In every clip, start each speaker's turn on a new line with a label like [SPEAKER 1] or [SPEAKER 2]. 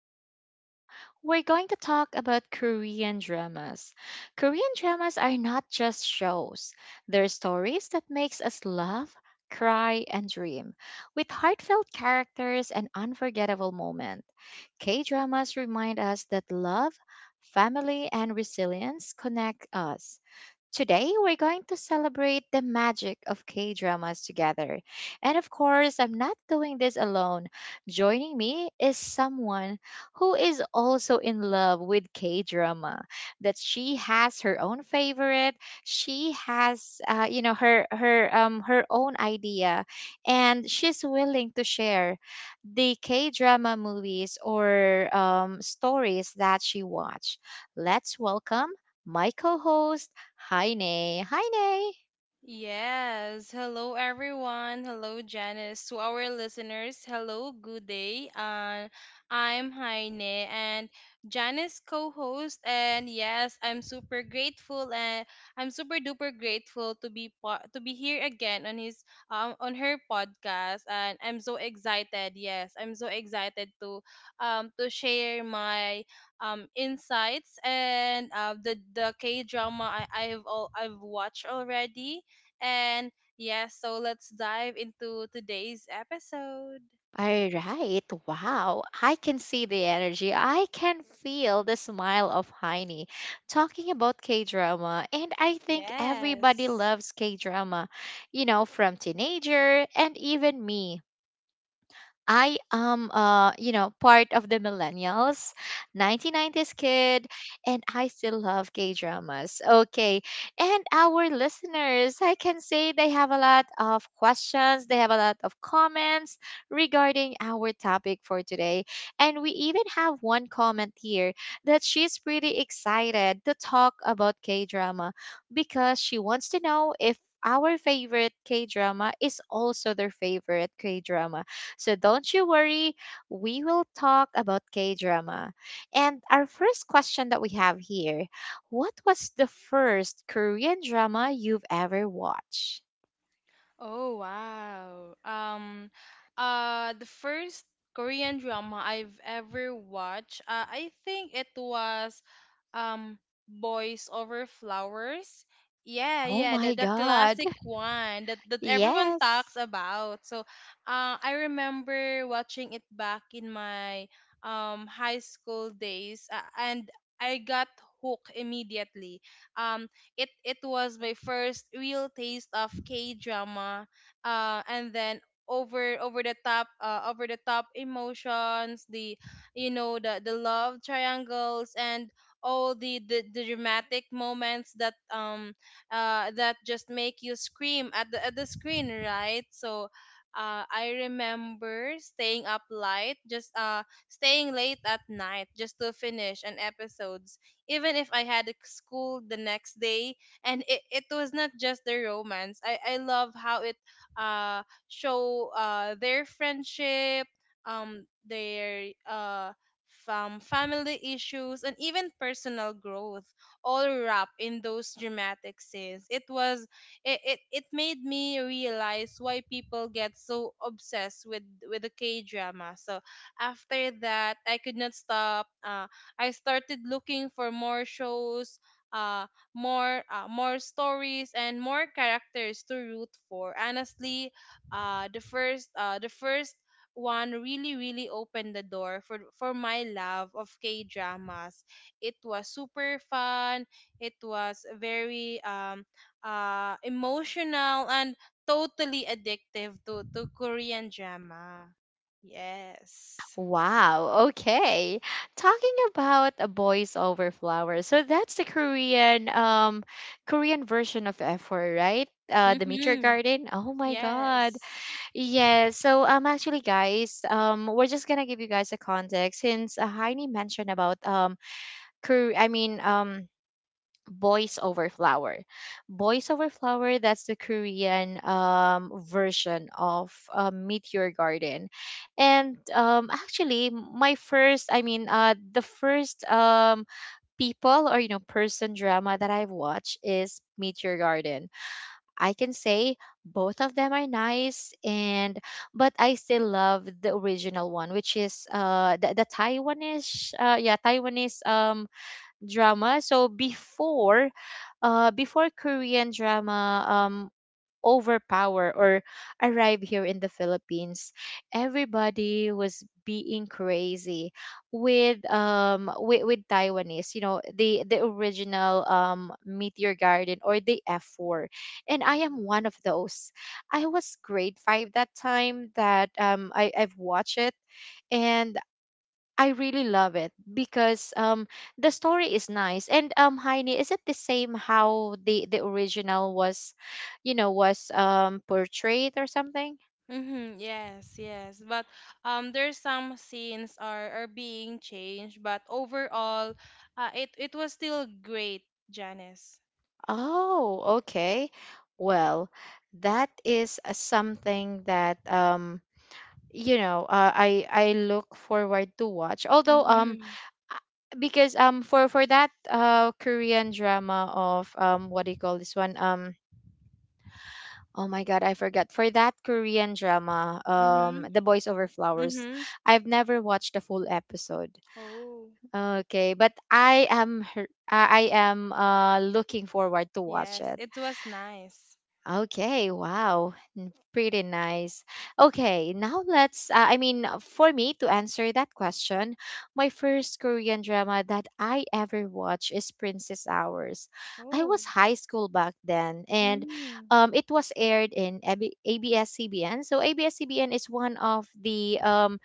[SPEAKER 1] today, we're going to talk about Korean dramas. Korean dramas are not just shows. They're stories that makes us laugh, cry, and dream, with heartfelt characters and unforgettable moments. K-dramas remind us that love, family, and resilience connect us. Today, we're going to celebrate the magic of K dramas together. And of course, I'm not doing this alone. Joining me is someone who is also in love with K drama. That she has her own favorite. She has, her own idea, and she's willing to share the K drama movies or stories that she watched. Let's welcome my co-host. Hi, Nay. Hi, Nay.
[SPEAKER 2] Yes. Hello, everyone. Hello, Janice. To our listeners, hello, good day. I'm Heine and Janice co host. And yes, I'm super grateful and I'm super duper grateful to be here again on her podcast. And I'm so excited. Yes, I'm so excited to share my insights and the K drama I I've all I've watched already, and yes, so let's dive into today's episode.
[SPEAKER 1] All right. Wow. I can see the energy. I can feel the smile of Heine talking about K drama. And I think everybody
[SPEAKER 2] Yes.
[SPEAKER 1] loves K drama, you know, from teenager and even me. I am, part of the millennials, 1990s kid, and I still love K dramas. Okay. And our listeners, I can say they have a lot of questions, they have a lot of comments regarding our topic for today. And we even have one comment here that she's pretty excited to talk about K drama because she wants to know if our favorite K drama is also their favorite K drama. So don't you worry, we will talk about K drama. And our first question that we have here: what was the first Korean drama you've ever watched?
[SPEAKER 2] Oh wow. The first Korean drama I've ever watched, I think it was um Boys Over Flowers. Yeah,
[SPEAKER 1] Oh
[SPEAKER 2] yeah, the,
[SPEAKER 1] my
[SPEAKER 2] the
[SPEAKER 1] God.
[SPEAKER 2] classic one that everyone talks
[SPEAKER 1] Yes.
[SPEAKER 2] about. So, I remember watching it back in my high school days, and I got hooked immediately. Um, it was my first real taste of K drama, and then over the top emotions, the love triangles, and all the dramatic moments that just make you scream at the screen, right? So. I remember staying up late, just staying late at night just to finish an episode, even if I had a school the next day. And it was not just their romance. I love how it uh show their friendship, their family issues, and even personal growth, all wrapped in those dramatic scenes. It was it, it, it made me realize why people get so obsessed with the K drama. So after that, I could not stop. I started looking for more shows, uh, more stories and more characters to root for. Honestly, the first one really really opened the door for my love of K dramas. It was super fun. It was very emotional and totally addictive to Korean drama. Yes.
[SPEAKER 1] Wow. Okay. Talking about a Boys Over Flowers. So that's the Korean Korean version of F4, right? Uh, the Meteor
[SPEAKER 2] Mhm.
[SPEAKER 1] Garden. Oh my god.
[SPEAKER 2] Yes.
[SPEAKER 1] Yes. So actually guys, we're just gonna give you guys a context since Heini mentioned about Kor- I mean um Boys Over Flower. Boys Over Flower, that's the Korean version of Meteor Garden. And actually my first I mean the first people or you know person drama that I've watched is Meteor Garden. I can say both of them are nice and but I still love the original one, which is the Taiwanese yeah Taiwanese drama. So before before Korean drama overpower or arrive here in the Philippines, everybody was being crazy with with Taiwanese, you know, the original Meteor Garden or the F4. And I am one of those. I was grade 5 that time that I've watched it, and I really love it because the story is nice. And Heini, is it the same how the original was you know was portrayed or something?
[SPEAKER 2] Mm-hmm, yes, yes. But there's some scenes are being changed, but overall it was still great, Janice.
[SPEAKER 1] Oh, okay. Well, that is something that I look forward to watch. Although
[SPEAKER 2] Mm-hmm.
[SPEAKER 1] because for that Korean drama of what do you call this one, oh my god, I forgot. For that Korean drama,
[SPEAKER 2] Mm-hmm.
[SPEAKER 1] The Boys Over Flowers,
[SPEAKER 2] Mm-hmm.
[SPEAKER 1] I've never watched the full episode.
[SPEAKER 2] Oh,
[SPEAKER 1] Okay, but I am I am looking forward to watch
[SPEAKER 2] yes.
[SPEAKER 1] it.
[SPEAKER 2] It was nice.
[SPEAKER 1] Okay, wow. Pretty nice. Okay, now let's, for me to answer that question, my first Korean drama that I ever watched is Princess Hours. I
[SPEAKER 2] Oh.
[SPEAKER 1] was high school back then, and
[SPEAKER 2] Mm-hmm.
[SPEAKER 1] it was aired in ABS-CBN. So ABS-CBN is one of the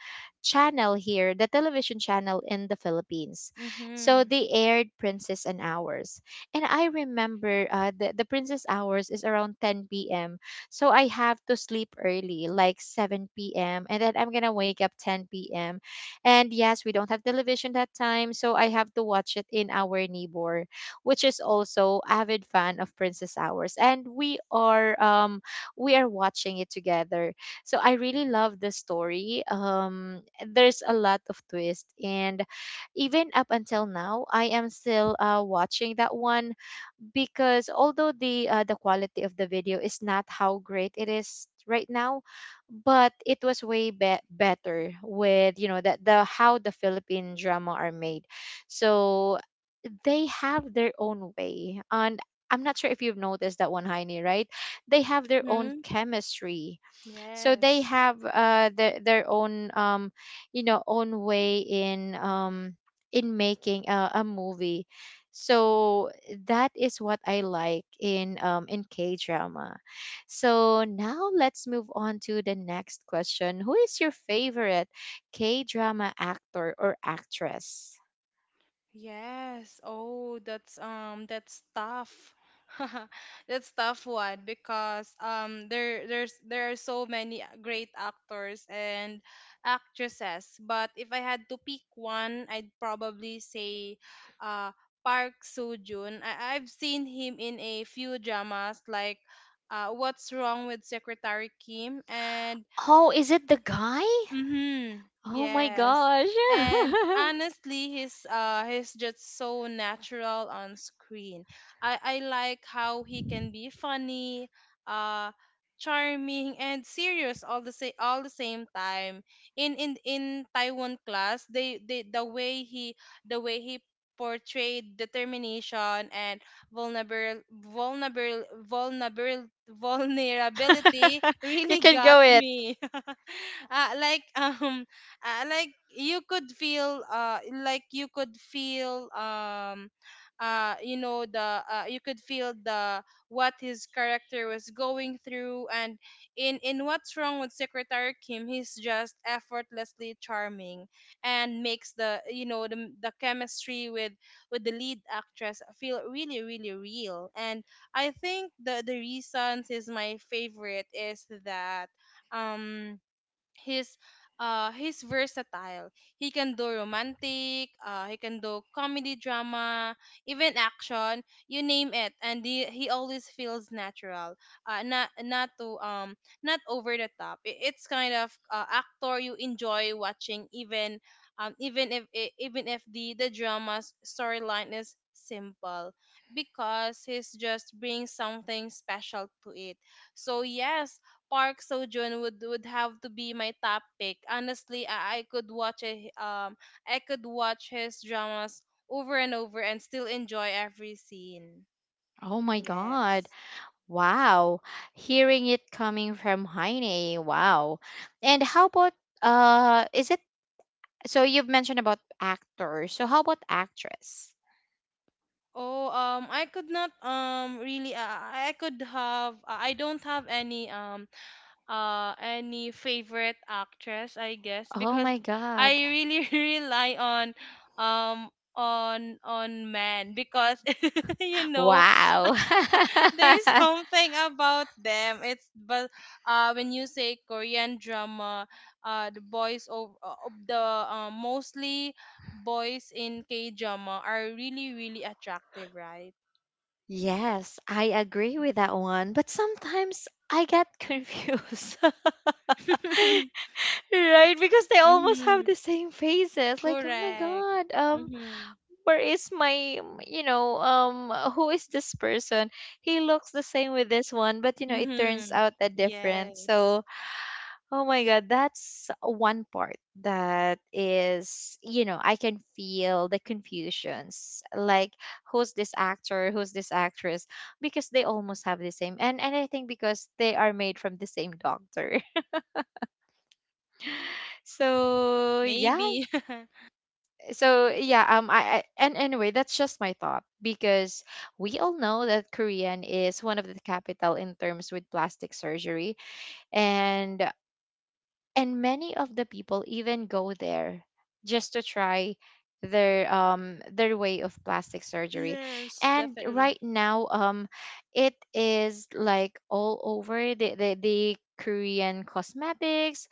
[SPEAKER 1] channel here, the television channel in the Philippines. So
[SPEAKER 2] Mm-hmm.
[SPEAKER 1] they aired Princess and Hours, and I remember the Princess Hours is around 10 p.m. So I have to sleep early, like 7 p.m., and then I'm gonna wake up 10 p.m. And yes, we don't have television that time, so I have to watch it in our neighbor, which is also avid fan of Princess Hours, and we are watching it together. So I really love the story. There's a lot of twist, and even up until now, I am still watching that one because although the quality of the video is not how great it is right now, but it was way better with, you know, that the how the Philippine drama are made. So they have their own way, and I'm not sure if you've noticed that one, Heini, right? They have their own
[SPEAKER 2] Mm-hmm.
[SPEAKER 1] chemistry. So they
[SPEAKER 2] Yes.
[SPEAKER 1] have their own, own way in making a movie. So that is what I like in K drama. So now let's move on to the next question: who is your favorite K drama actor or actress?
[SPEAKER 2] Yes. Oh, that's tough. That's tough one because there are so many great actors and actresses, but if I had to pick one, I'd probably say uh Park Soo-joon. I've seen him in a few dramas like What's Wrong with Secretary Kim, and
[SPEAKER 1] Oh, is it the guy?
[SPEAKER 2] Mm-hmm.
[SPEAKER 1] Oh my
[SPEAKER 2] Yes.
[SPEAKER 1] gosh.
[SPEAKER 2] And honestly, he's just so natural on screen. I like how he can be funny, uh charming, and serious all the same time. In Taiwan class, the way he portrayed determination and vulnerable vulnerable vulnerable vulnerability
[SPEAKER 1] You
[SPEAKER 2] really
[SPEAKER 1] can
[SPEAKER 2] got
[SPEAKER 1] go it.
[SPEAKER 2] me, uh, like um like you could feel you could feel the what his character was going through. And in What's Wrong with Secretary Kim, he's just effortlessly charming, and makes the chemistry with the lead actress feel really really real. And I think the reasons is my favorite is that um he's he's versatile. He can do comedy, drama, even action, you name it, and he always feels natural, not not to not over the top. It's kind of actor you enjoy watching, even even if the drama's storyline is simple, because he's just brings something special to it. So yes, Park Sojun would have to be my top pick. Honestly, I could watch his dramas over and over and still enjoy every scene.
[SPEAKER 1] Oh my god.
[SPEAKER 2] Yes.
[SPEAKER 1] Wow. Hearing it coming from Heine. Wow. And how about, is it so you've mentioned about actors. So how about actress?
[SPEAKER 2] Oh, I could not really, I could have, I don't have any favorite actress, I guess,
[SPEAKER 1] Oh
[SPEAKER 2] because
[SPEAKER 1] my
[SPEAKER 2] I
[SPEAKER 1] god.
[SPEAKER 2] really rely on men, because you know
[SPEAKER 1] Wow.
[SPEAKER 2] There's something about them. It's but when you say Korean drama, the boys of the mostly boys in K drama are really really attractive, right?
[SPEAKER 1] Yes, I agree with that one, but sometimes I get confused. Right? Because they almost
[SPEAKER 2] Mm-hmm.
[SPEAKER 1] have the same faces. Like, oh my
[SPEAKER 2] Correct.
[SPEAKER 1] god.
[SPEAKER 2] Mm-hmm.
[SPEAKER 1] Where is my, who is this person? He looks the same with this one, but you know it turns
[SPEAKER 2] Mm-hmm.
[SPEAKER 1] out that different.
[SPEAKER 2] Yes.
[SPEAKER 1] So oh my god, that's one part that is, you know, I can feel the confusions like who's this actor, who's this actress, because they almost have the same. And I think because they are made from the same doctor. So yeah.
[SPEAKER 2] Maybe.
[SPEAKER 1] So yeah, I and anyway, that's just my thought because we all know that Korean is one of the capital in terms with plastic surgery. and and many of the people even go there just to try their way of plastic surgery.
[SPEAKER 2] Yes,
[SPEAKER 1] And
[SPEAKER 2] definitely.
[SPEAKER 1] right now it is like all over the Korean cosmetics,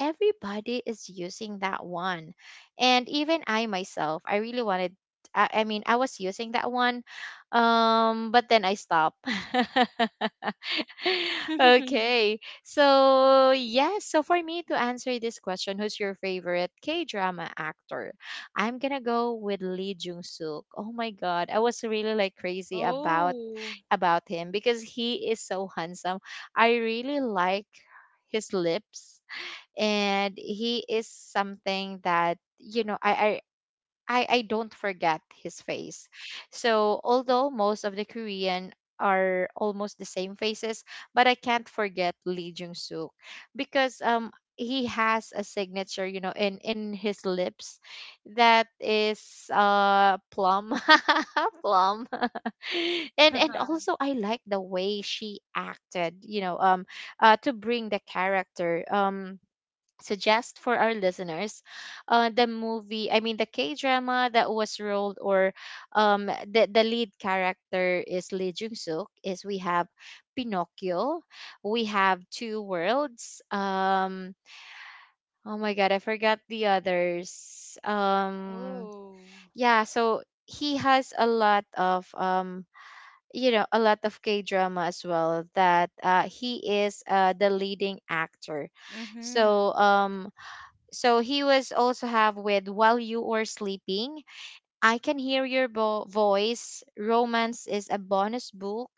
[SPEAKER 1] everybody is using that one. And even I myself, I really I mean, I was using that one. But then I stopped. Okay. So, yes, so for me to answer this question, who's your favorite K-drama actor? I'm going to go with Lee Jung-suk. Oh my god, I was really like crazy
[SPEAKER 2] Oh.
[SPEAKER 1] about him because he is so handsome. I really like his lips, and he is something that, you know, I don't forget his face. So although most of the Korean are almost the same faces, but I can't forget Lee Jung Suk because he has a signature, you know, in his lips, that is plum. Plum. And also I like the way she acted, you know, to bring the character. Suggest for our listeners the movie I mean the K drama that was rolled or the lead character is Lee Jung Suk, is we have Pinocchio, we have Two Worlds, oh my god, I forgot the others,
[SPEAKER 2] Oh.
[SPEAKER 1] yeah, so he has a lot of, a lot of K drama as well that he is the leading actor.
[SPEAKER 2] Mm-hmm.
[SPEAKER 1] So so he was also have with While You Were Sleeping, I Can Hear Your Voice, Romance Is a Bonus Book.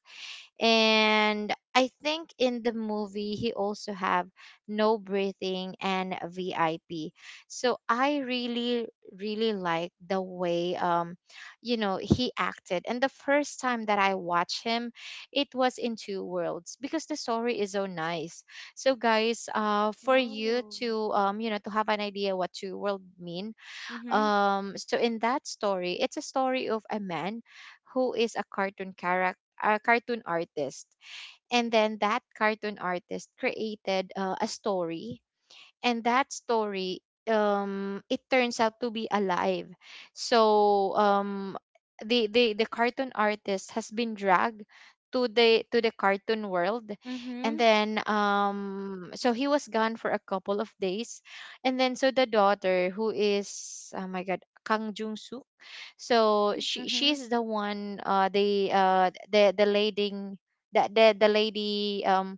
[SPEAKER 1] And I think in the movie he also have No Breathing and VIP. So I really really like the way, he acted. And the first time that I watched him, it was in Two Worlds because the story is so nice. So guys, for you
[SPEAKER 2] Oh.
[SPEAKER 1] to to have an idea what Two World mean,
[SPEAKER 2] Mm-hmm.
[SPEAKER 1] so in that story, it's a story of a man who is a cartoon character, a cartoon artist, and then that cartoon artist created a story, and that story it turns out to be alive. So the the cartoon artist has been dragged to the cartoon world. And
[SPEAKER 2] Mm-hmm.
[SPEAKER 1] then so he was gone for a couple of days. And then so the daughter who is, oh my god, Kang Jung Suk, so
[SPEAKER 2] Mm-hmm.
[SPEAKER 1] she's the one, the lady, that the lady,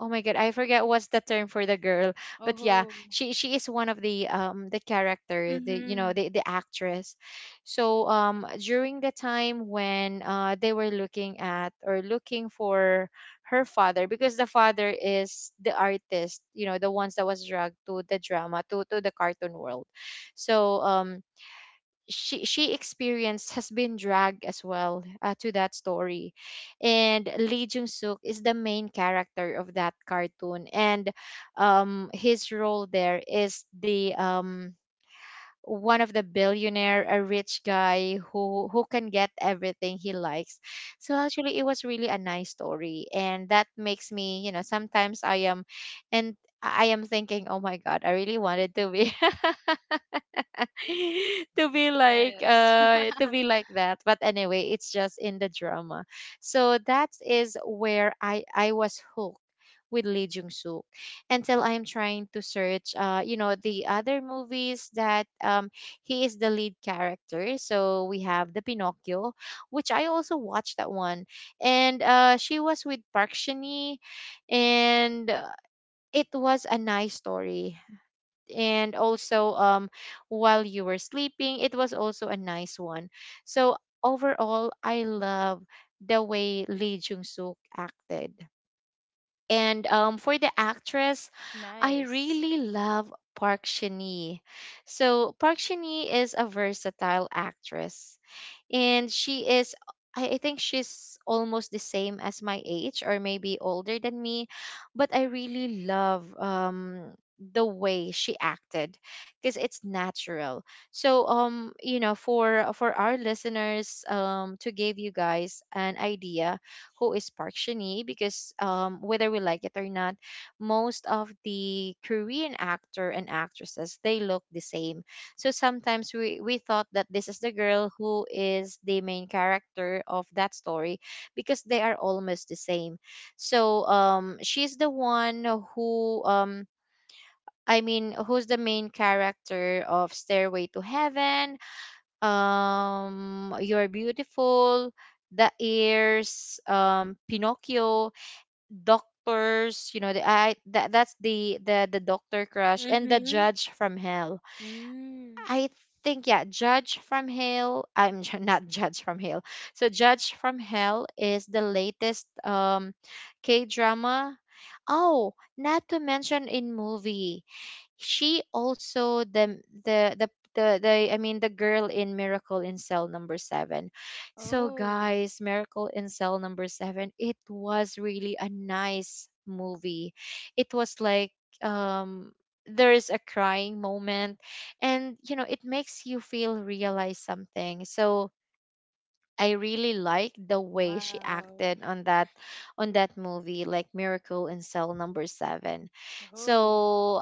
[SPEAKER 1] oh my god, I forget what's the term for the girl. But yeah,
[SPEAKER 2] Oh.
[SPEAKER 1] she is one of the character, the, you know,
[SPEAKER 2] Mm-hmm.
[SPEAKER 1] the actress. So during the time when they were looking at or looking for her father, because the father is the artist, you know, the ones that was dragged to the drama to the cartoon world. So she experienced has been dragged as well, to that story. And Lee Jung Suk is the main character of that cartoon. And his role there is the one of the billionaire, a rich guy who can get everything he likes. So actually it was really a nice story, and that makes me, you know, sometimes I am thinking, oh my god, I really wanted to be
[SPEAKER 2] Yes.
[SPEAKER 1] To be like that, but anyway, it's just in the drama. So that is where I was hooked with Lee Jung Suk. Until I am trying to search the other movies that he is the lead character. So we have the Pinocchio, which I also watched that one. And she was with Park Shin-hye. And it was a nice story. And also, While You Were Sleeping, it was also a nice one. So overall, I love the way Lee Jung Suk acted. And for the actress, I
[SPEAKER 2] Nice.
[SPEAKER 1] really love Park Shin. So Park Shin is a versatile actress, and she is... I think she's almost the same as my age or maybe older than me, but I really love the way she acted because it's natural. So, for our listeners, to give you guys an idea who is Park Shin-hye, because whether we like it or not, most of the Korean actor and actresses, they look the same. So sometimes we thought that this is the girl who is the main character of that story because they are almost the same. So, she's the one who, um, I mean, who's the main character of Stairway to Heaven, You're Beautiful, The Ears, Pinocchio, Doctors, that's the doctor crush, and The
[SPEAKER 2] Mm-hmm.
[SPEAKER 1] Judge from Hell.
[SPEAKER 2] Mm.
[SPEAKER 1] I think, yeah, Judge from Hell. Not Judge from Hell. So Judge from Hell is the latest K drama. Oh, not to mention in movie, she also... the I mean the girl in Miracle in Cell number 7. So
[SPEAKER 2] Oh.
[SPEAKER 1] guys, Miracle in Cell number 7, it was really a nice movie. It was like, um there is a crying moment, and it makes you feel realize something. So I really like the way she
[SPEAKER 2] Wow.
[SPEAKER 1] acted on that, movie, like Miracle in Cell number 7.
[SPEAKER 2] Oh.
[SPEAKER 1] So,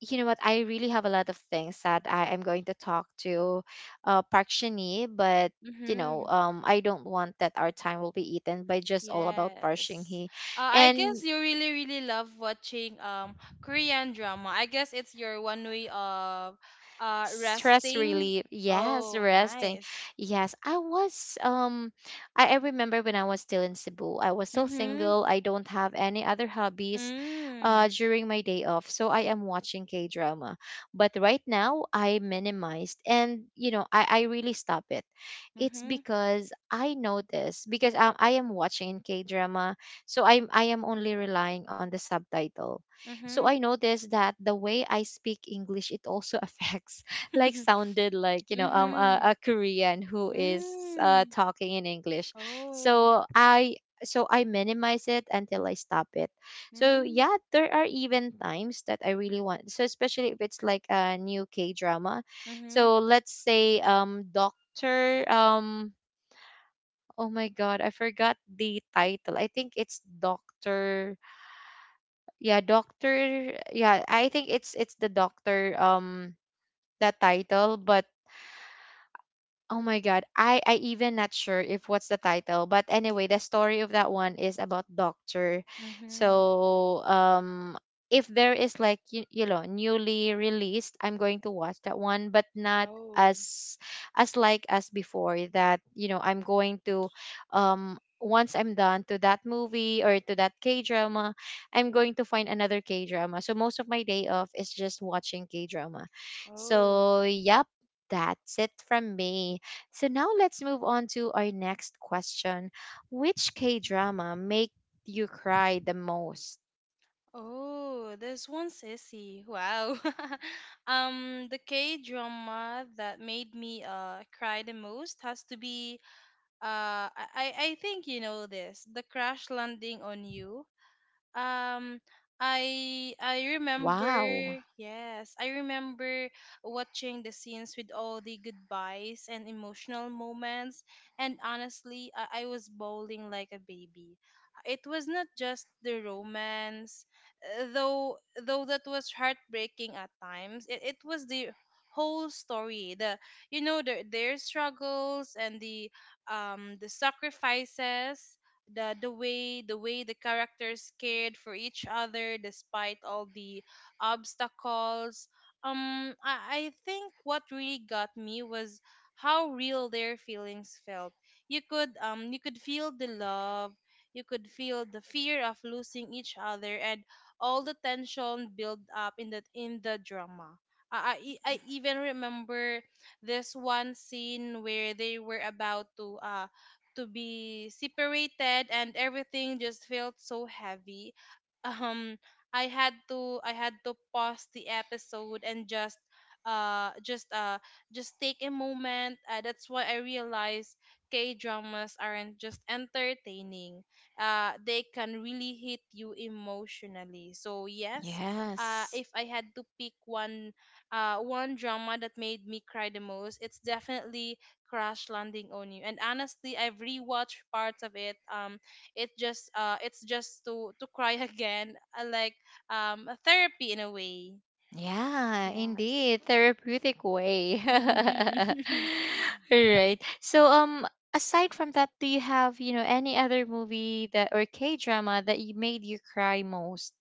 [SPEAKER 1] you know what, I really have a lot of things that I am going to talk to Park Shinee, but
[SPEAKER 2] Mm-hmm.
[SPEAKER 1] I don't want that our time will be eaten by just all about Park
[SPEAKER 2] Yes.
[SPEAKER 1] Shin-hee.
[SPEAKER 2] I guess
[SPEAKER 1] And
[SPEAKER 2] you really, really love watching Korean drama. I guess it's your one way of
[SPEAKER 1] stress
[SPEAKER 2] resting.
[SPEAKER 1] relief, yes,
[SPEAKER 2] Oh,
[SPEAKER 1] resting.
[SPEAKER 2] nice.
[SPEAKER 1] Yes, I was I remember when I was still in Cebu, I was still
[SPEAKER 2] Mm-hmm.
[SPEAKER 1] single, I don't have any other hobbies.
[SPEAKER 2] Mm.
[SPEAKER 1] During my day off, so I am watching K drama. But right now I minimized, and I really stop it. It's
[SPEAKER 2] Mm-hmm.
[SPEAKER 1] because I notice, because I am watching K drama, so I am only relying on the subtitle. So
[SPEAKER 2] Mm-hmm.
[SPEAKER 1] I noticed that the way I speak English, it also affects, like, sounded like,
[SPEAKER 2] Mm-hmm.
[SPEAKER 1] a Korean who is,
[SPEAKER 2] Mm.
[SPEAKER 1] talking in English.
[SPEAKER 2] Oh.
[SPEAKER 1] So I so I minimize it until I stop it. So
[SPEAKER 2] Mm.
[SPEAKER 1] yeah, there are even times that I really want. So especially if it's like a new K drama.
[SPEAKER 2] Mhm.
[SPEAKER 1] So let's say, Doctor, oh my god, I forgot the title. I think it's Doctor, yeah, Doctor, yeah, I think it's the Doctor, that title, but... Oh my god, I even not sure if what's the title, but anyway, the story of that one is about doctor.
[SPEAKER 2] Mhm.
[SPEAKER 1] So, if there is, like, newly released, I'm going to watch that one, but not
[SPEAKER 2] Oh.
[SPEAKER 1] as like as before, that I'm going to, once I'm done to that movie or to that K drama, I'm going to find another K drama. So most of my day off is just watching K drama.
[SPEAKER 2] Oh.
[SPEAKER 1] So yep, that's it from me. So now let's move on to our next question. Which K drama make you cry the most?
[SPEAKER 2] Oh, there's one sissy. Wow. The K drama that made me cry the most has to be I think you know this, the Crash Landing on You. Um, I remember,
[SPEAKER 1] Wow.
[SPEAKER 2] yes, I remember watching the scenes with all the goodbyes and emotional moments, and honestly, I was bawling like a baby. It was not just the romance, uh, though though that was heartbreaking at times. It was the whole story, their struggles and the sacrifices, the way the characters cared for each other despite all the obstacles. I think what really got me was how real their feelings felt. You could feel the love. You could feel the fear of losing each other and all the tension built up in the drama. I even remember this one scene where they were about to be separated, and everything just felt so heavy. Um i had to i had to pause the episode and uh just uh just take a moment. That's why I realized K dramas aren't just entertaining, they can really hit you emotionally. So yes, uh
[SPEAKER 1] Yes.
[SPEAKER 2] if I had to pick one, one drama that made me cry the most, it's definitely Crash Landing on You. And honestly, I've rewatched parts of it it just it's just to cry again, like a therapy in a way.
[SPEAKER 1] Yeah,
[SPEAKER 2] Yes.
[SPEAKER 1] indeed. Therapeutic way. All
[SPEAKER 2] Mm-hmm.
[SPEAKER 1] right. So, aside from that, do you have, any other movie that or K drama that you made you cry most?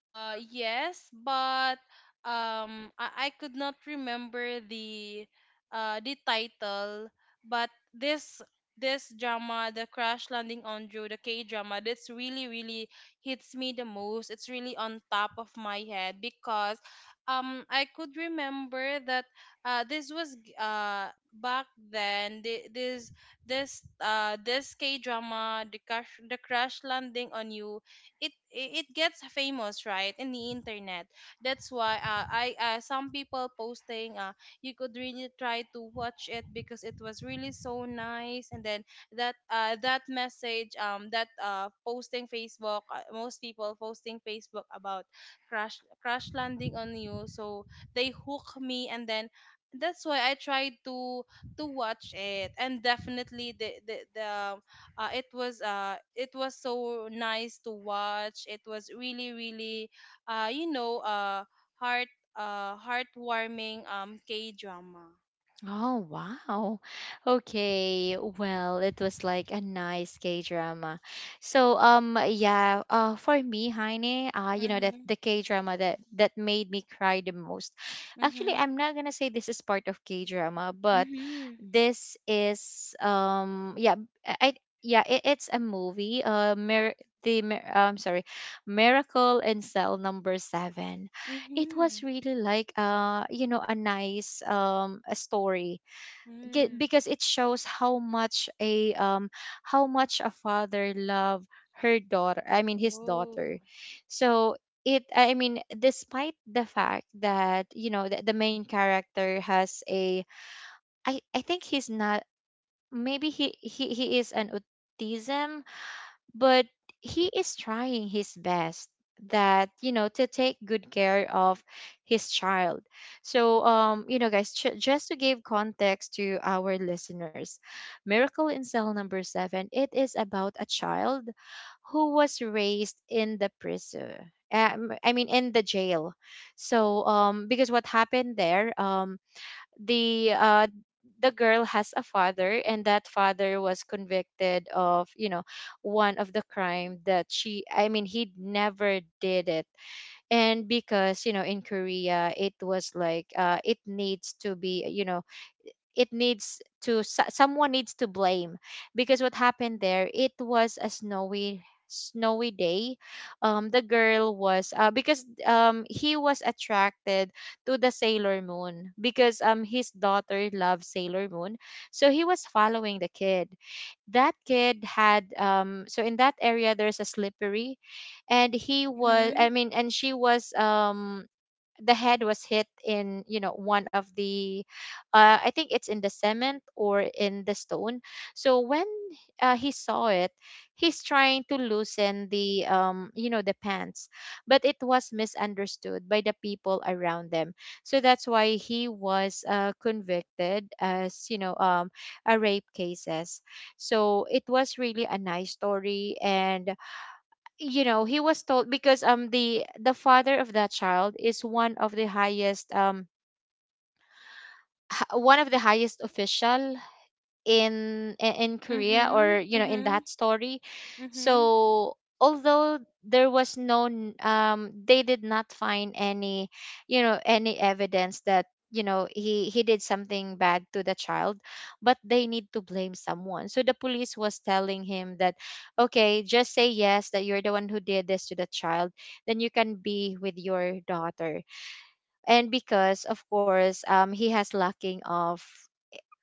[SPEAKER 2] Yes, but I could not remember the title, but this drama, the Crash Landing on You, the K drama, that's really really hits me the most. It's really on top of my head because I could remember that back then this K drama, the Crash Landing on You, it gets famous right in the internet. That's why, I some people posting, you could really try to watch it because it was really so nice. And then that message, that posting facebook most people posting Facebook about Crash Landing on You, so they hook me. And then that's why I tried to watch it. And definitely the it was so nice to watch. It was really really uh you know uh heart heartwarming K drama.
[SPEAKER 1] Oh, wow. Okay. Well, it was like a nice K drama. So, yeah, for me, Heine, that
[SPEAKER 2] Mhm.
[SPEAKER 1] the K drama that made me cry the most. Actually,
[SPEAKER 2] Mhm.
[SPEAKER 1] I'm not gonna say this is part of K drama, but
[SPEAKER 2] Mhm.
[SPEAKER 1] this is, yeah, I, I- yeah, it's a movie. I'm sorry, Miracle in Cell Number Seven, it was
[SPEAKER 2] Mhm.
[SPEAKER 1] really like, a nice, a story.
[SPEAKER 2] Mm.
[SPEAKER 1] Because it shows how much a father love her daughter, I mean his
[SPEAKER 2] Oh.
[SPEAKER 1] daughter. So it, I mean, despite the fact that the main character has a... I think he's not, maybe he is an autism, but he is trying his best, that to take good care of his child. So, guys, just to give context to our listeners, Miracle in Cell number 7, it is about a child who was raised in the prison, I mean, in the jail. So, because what happened there, the uh the girl has a father, and that father was convicted of, you know, one of the crime that she, I mean he, never did it. And because you know, in Korea, it was like, it needs to be, it needs to... someone needs to blame. Because what happened there, it was a snowy, snowy day. The girl was, because he was attracted to the Sailor Moon, because his daughter loved Sailor Moon. So he was following the kid. That kid had... so in that area there's a slippery. And he was,
[SPEAKER 2] Mhm.
[SPEAKER 1] I mean, and she was, the head was hit in, you know, one of the... I think it's in the cement or in the stone. So when, he saw it, he's trying to loosen the, pants. But it was misunderstood by the people around them. So that's why he was, convicted as, you know, a rape cases. So it was really a nice story, and you know, he was told because the father of that child is one of the highest, one of the highest official in Korea, or
[SPEAKER 2] Mhm.
[SPEAKER 1] you know, in
[SPEAKER 2] Mhm.
[SPEAKER 1] that story.
[SPEAKER 2] Mhm.
[SPEAKER 1] So although there was they did not find any, you know, any evidence that you know he did something bad to the child, but they need to blame someone. So the police was telling him that, okay, just say yes that you're the one who did this to the child, then you can be with your daughter. And because, of course, he has lacking of,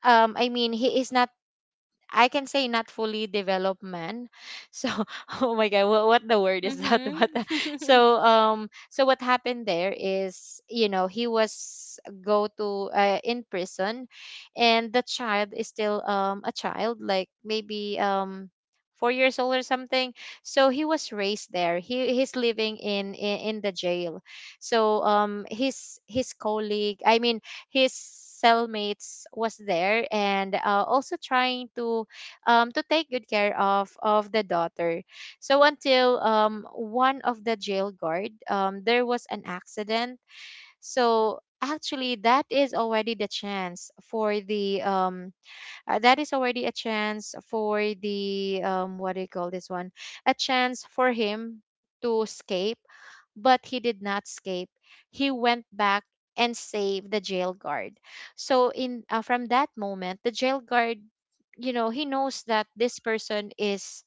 [SPEAKER 1] I mean, he is not, I can say, not fully development. So oh my god, what the word is that?
[SPEAKER 2] Mhm.
[SPEAKER 1] But so what happened there is, you know, he was go to, in prison, and the child is still, a child, like maybe, 4 years old or something. So he was raised there. He's living in the jail. So, his colleague, I mean, his cellmates was there, and, also trying to, to take good care of the daughter. So until, one of the jail guard, there was an accident. So actually, that is already the chance for the that is already a chance for the, what do you call this one, a chance for him to escape. But he did not escape. He went back and saved the jail guard. So, in from that moment, the jail guard, you know, he knows that this person is,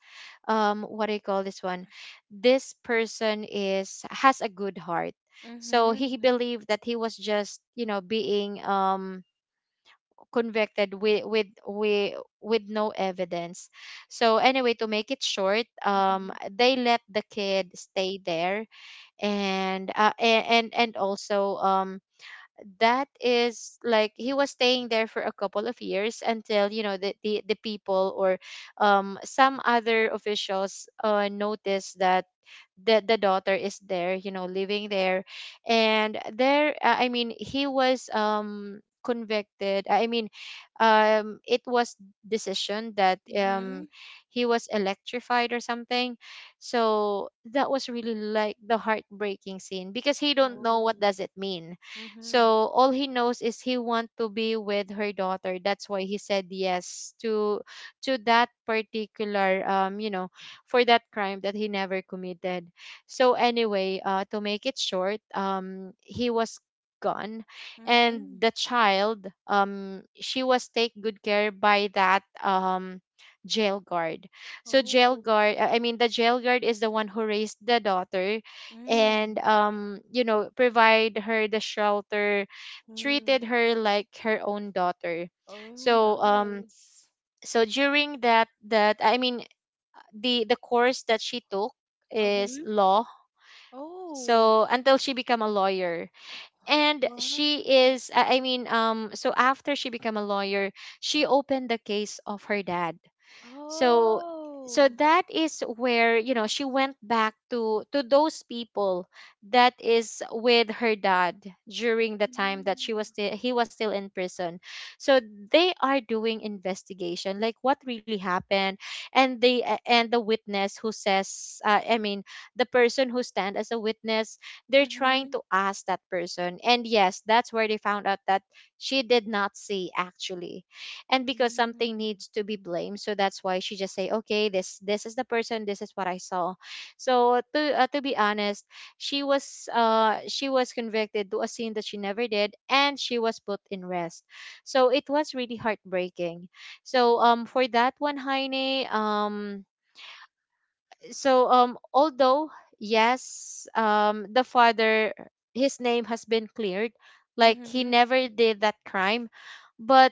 [SPEAKER 1] what do you call this one, this person is has a good heart. So he
[SPEAKER 2] Mhm.
[SPEAKER 1] believed that he was just, you know, being, convicted with no evidence. So anyway, to make it short,
[SPEAKER 2] Mhm.
[SPEAKER 1] they let the kid stay there. And and also, that is like he was staying there for a couple of years until you know the people or, some other officials, noticed that the daughter is there, you know, living there. And there I mean, he was, convicted, I mean, it was decision that,
[SPEAKER 2] Mhm.
[SPEAKER 1] he was electrified or something. So that was really like the heartbreaking scene because he don't know
[SPEAKER 2] Oh.
[SPEAKER 1] what does it mean.
[SPEAKER 2] Mhm.
[SPEAKER 1] So all he knows is he want to be with her daughter. That's why he said yes to, that particular, for that crime that he never committed. So anyway, to make it short, he was gone, and
[SPEAKER 2] Mhm.
[SPEAKER 1] the child, she was take good care by that, jail guard. So jail
[SPEAKER 2] Oh.
[SPEAKER 1] guard, I mean the jail guard is the one who raised the daughter, and
[SPEAKER 2] Mm.
[SPEAKER 1] you know, provide her the shelter, treated
[SPEAKER 2] Mm.
[SPEAKER 1] her like her own daughter.
[SPEAKER 2] Oh,
[SPEAKER 1] So um,
[SPEAKER 2] nice.
[SPEAKER 1] so during that, I mean the course that she took is
[SPEAKER 2] Uh-huh.
[SPEAKER 1] law,
[SPEAKER 2] Oh,
[SPEAKER 1] so until she became a lawyer and she
[SPEAKER 2] wow.
[SPEAKER 1] is I mean so after she became a lawyer she opened the case of her dad. So so
[SPEAKER 2] Oh.
[SPEAKER 1] that is where, you know, she went back to those people that is with her dad during the time that she was
[SPEAKER 2] Mm.
[SPEAKER 1] still he was still in prison. So they are doing investigation, like what really happened. And and the witness who says the person who stand as a witness, they're trying
[SPEAKER 2] Mm-hmm.
[SPEAKER 1] to ask that person. And yes, that's where they found out that she did not see actually, and because something
[SPEAKER 2] Mm.
[SPEAKER 1] needs to be blamed, so that's why she just say, okay, this is the person, this is what I saw. So to be honest, she was convicted to a sin that she never did, and she was put in rest. So it was really heartbreaking. So for that one, heine. Although, yes, the father, his name has been cleared, like he
[SPEAKER 2] Mm-hmm.
[SPEAKER 1] never did that crime. But,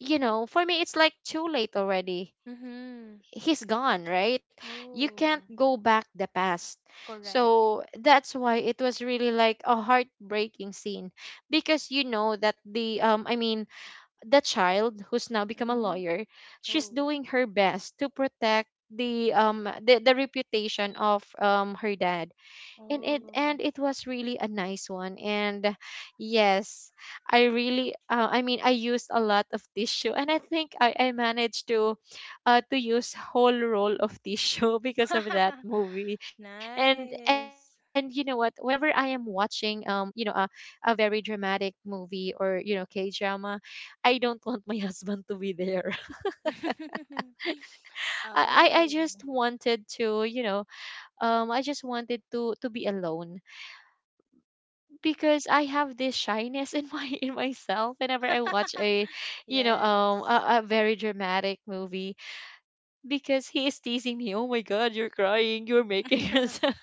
[SPEAKER 1] you know, for me, it's like too late already.
[SPEAKER 2] Mm-hmm.
[SPEAKER 1] He's gone, right? You
[SPEAKER 2] Oh,
[SPEAKER 1] can't go back the past.
[SPEAKER 2] correct.
[SPEAKER 1] So that's why it was really like a heartbreaking scene, because you know that the I mean the child who's now become a
[SPEAKER 2] Mm-hmm.
[SPEAKER 1] lawyer, she's
[SPEAKER 2] Oh.
[SPEAKER 1] doing her best to protect the reputation of her dad.
[SPEAKER 2] Oh.
[SPEAKER 1] And it was really a nice one. And yes, I really I used a lot of tissue, and I think I managed to use whole roll of tissue because of that movie. And you know what,
[SPEAKER 2] Nice.
[SPEAKER 1] whenever I am watching you know a very dramatic movie or, you know, k drama, I don't want my husband to be there. I
[SPEAKER 2] Oh.
[SPEAKER 1] just wanted to, you know, I just wanted to be alone, because I have this shyness in my in myself whenever I watch a, you know,
[SPEAKER 2] Yes.
[SPEAKER 1] a very dramatic movie, because he is teasing me, oh my god, you're crying, you're making us.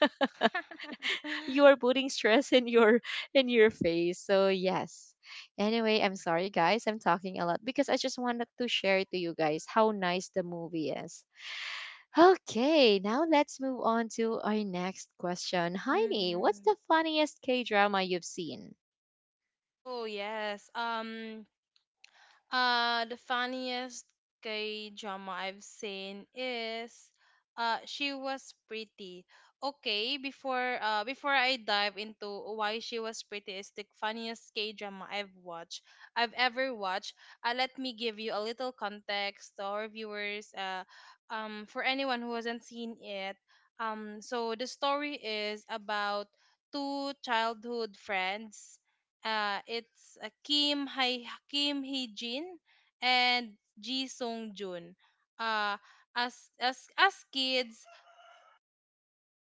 [SPEAKER 1] You are putting stress in your face. So yes, anyway, I'm sorry guys, I'm talking a lot, because I just wanted to share to you guys how nice the movie is. Okay, now let's move on to our next question. Heidi, what's
[SPEAKER 2] Mm-hmm.
[SPEAKER 1] the funniest K drama you've seen?
[SPEAKER 2] Oh, yes. The funniest K drama I've seen is She Was Pretty. Okay, before I dive into why She Was Pretty is the funniest K drama I've ever watched. Let me give you a little context to our viewers. For anyone who hasn't seen it, so the story is about two childhood friends, it's Kim Hai Kim Hee Jin and Ji Sung Jun. Uh, as as as kids,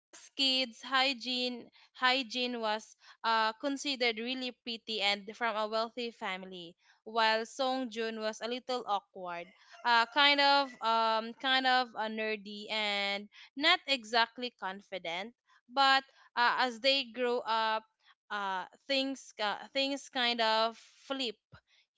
[SPEAKER 2] as kids, Hygiene was considered really pretty and from a wealthy family, while Song Jun was a little awkward, kind of nerdy and not exactly confident. But as they grew up, things kind of flip.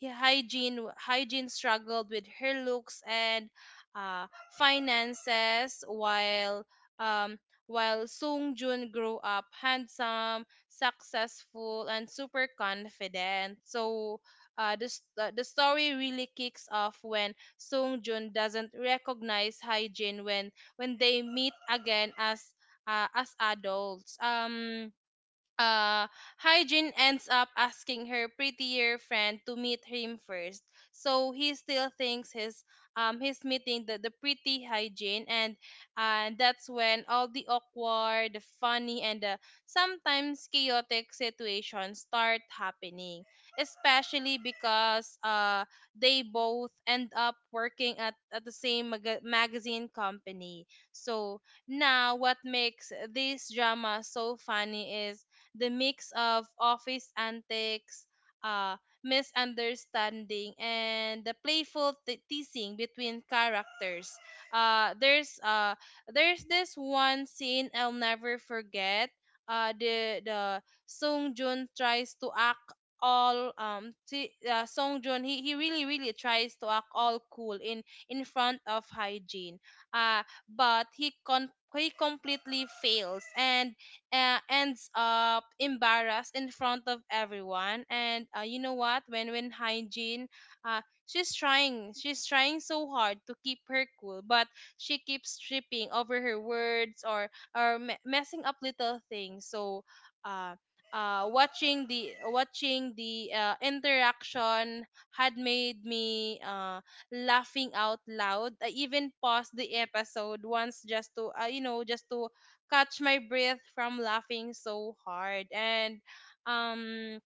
[SPEAKER 2] Hygiene struggled with her looks and uh, finances, while um, while Sung Jun grew up handsome, successful, and super confident. So the story really kicks off when Sung Jun doesn't recognize Hyejin when they meet again, as adults. Uh, Hyjin ends up asking her prettier friend to meet him first, so he still thinks his he's meeting the pretty Hyjin. And that's when all the awkward, the funny, and the sometimes chaotic situations start happening. Especially because they both end up working at the same magazine company. So now what makes this drama so funny is the mix of office antics, uh, misunderstanding, and the playful teasing between characters. Uh, there's uh, there's this one scene I'll never forget. The Sung Jun tries to act Song Jun he really really tries to act all cool in front of hygiene but he completely fails and ends up embarrassed in front of everyone. And you know what When hygiene uh, she's trying so hard to keep her cool, but she keeps tripping over her words or messing up little things. Uh Watching the interaction had made me laughing out loud. I even paused the episode once just to just to catch my breath from laughing so hard. And um,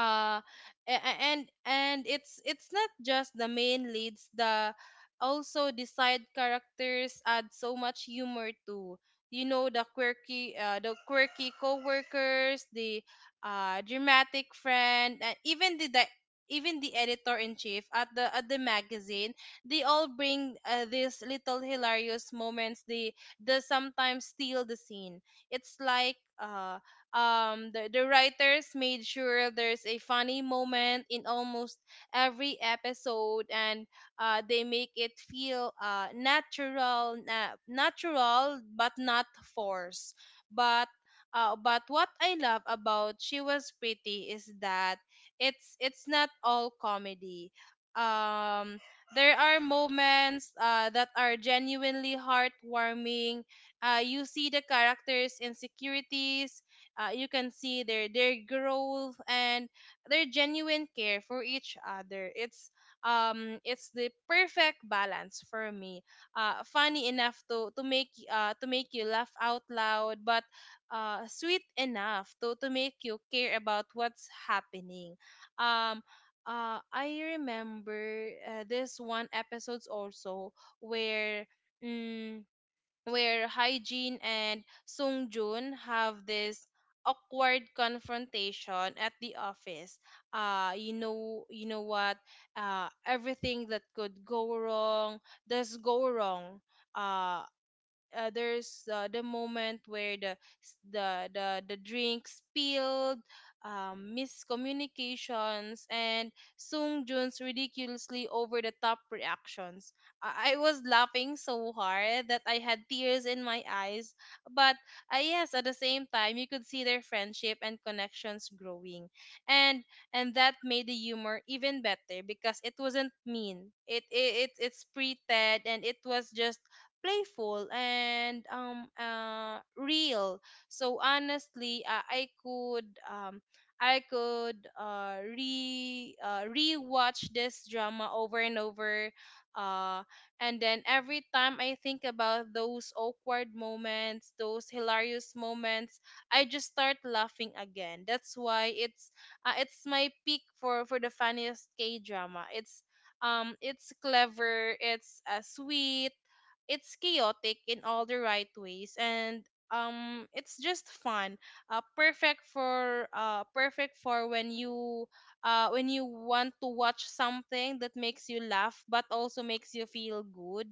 [SPEAKER 2] uh a- and and it's not just the main leads, the also the side characters add so much humor too. You know, the quirky co-workers, the dramatic friend, and even the editor in chief at the magazine. They all bring these little hilarious moments. They sometimes steal the scene. It's like The writers made sure there's a funny moment in almost every episode, and they make it feel natural, na natural but not forced. But uh, but what I love about She Was Pretty is that it's not all comedy. Um, there are moments that are genuinely heartwarming. You see the characters' insecurities, you can see their growth and their genuine care for each other. It's the perfect balance for me, funny enough to make you laugh out loud, but sweet enough to make you care about what's happening. um I remember this one episodes also where mm, where Hyejin and Sungjun have this awkward confrontation at the office. You know what? Everything that could go wrong does go wrong. Uh, the moment where the s- the drink spilled, miscommunications, and Sung Jun's ridiculously over the top reactions. I was laughing so hard that I had tears in my eyes, but yes, at the same time you could see their friendship and connections growing, and that made the humor even better because it wasn't mean. It's pretend, and it was just playful and real. So honestly, I could re rewatch this drama over and over uh and then every time I think about those awkward moments, those hilarious moments, I just start laughing again. That's why it's my peak for the funniest K drama. It's clever, it's sweet, it's chaotic in all the right ways, and it's just fun. Perfect for when you want to watch something that makes you laugh but also makes you feel good.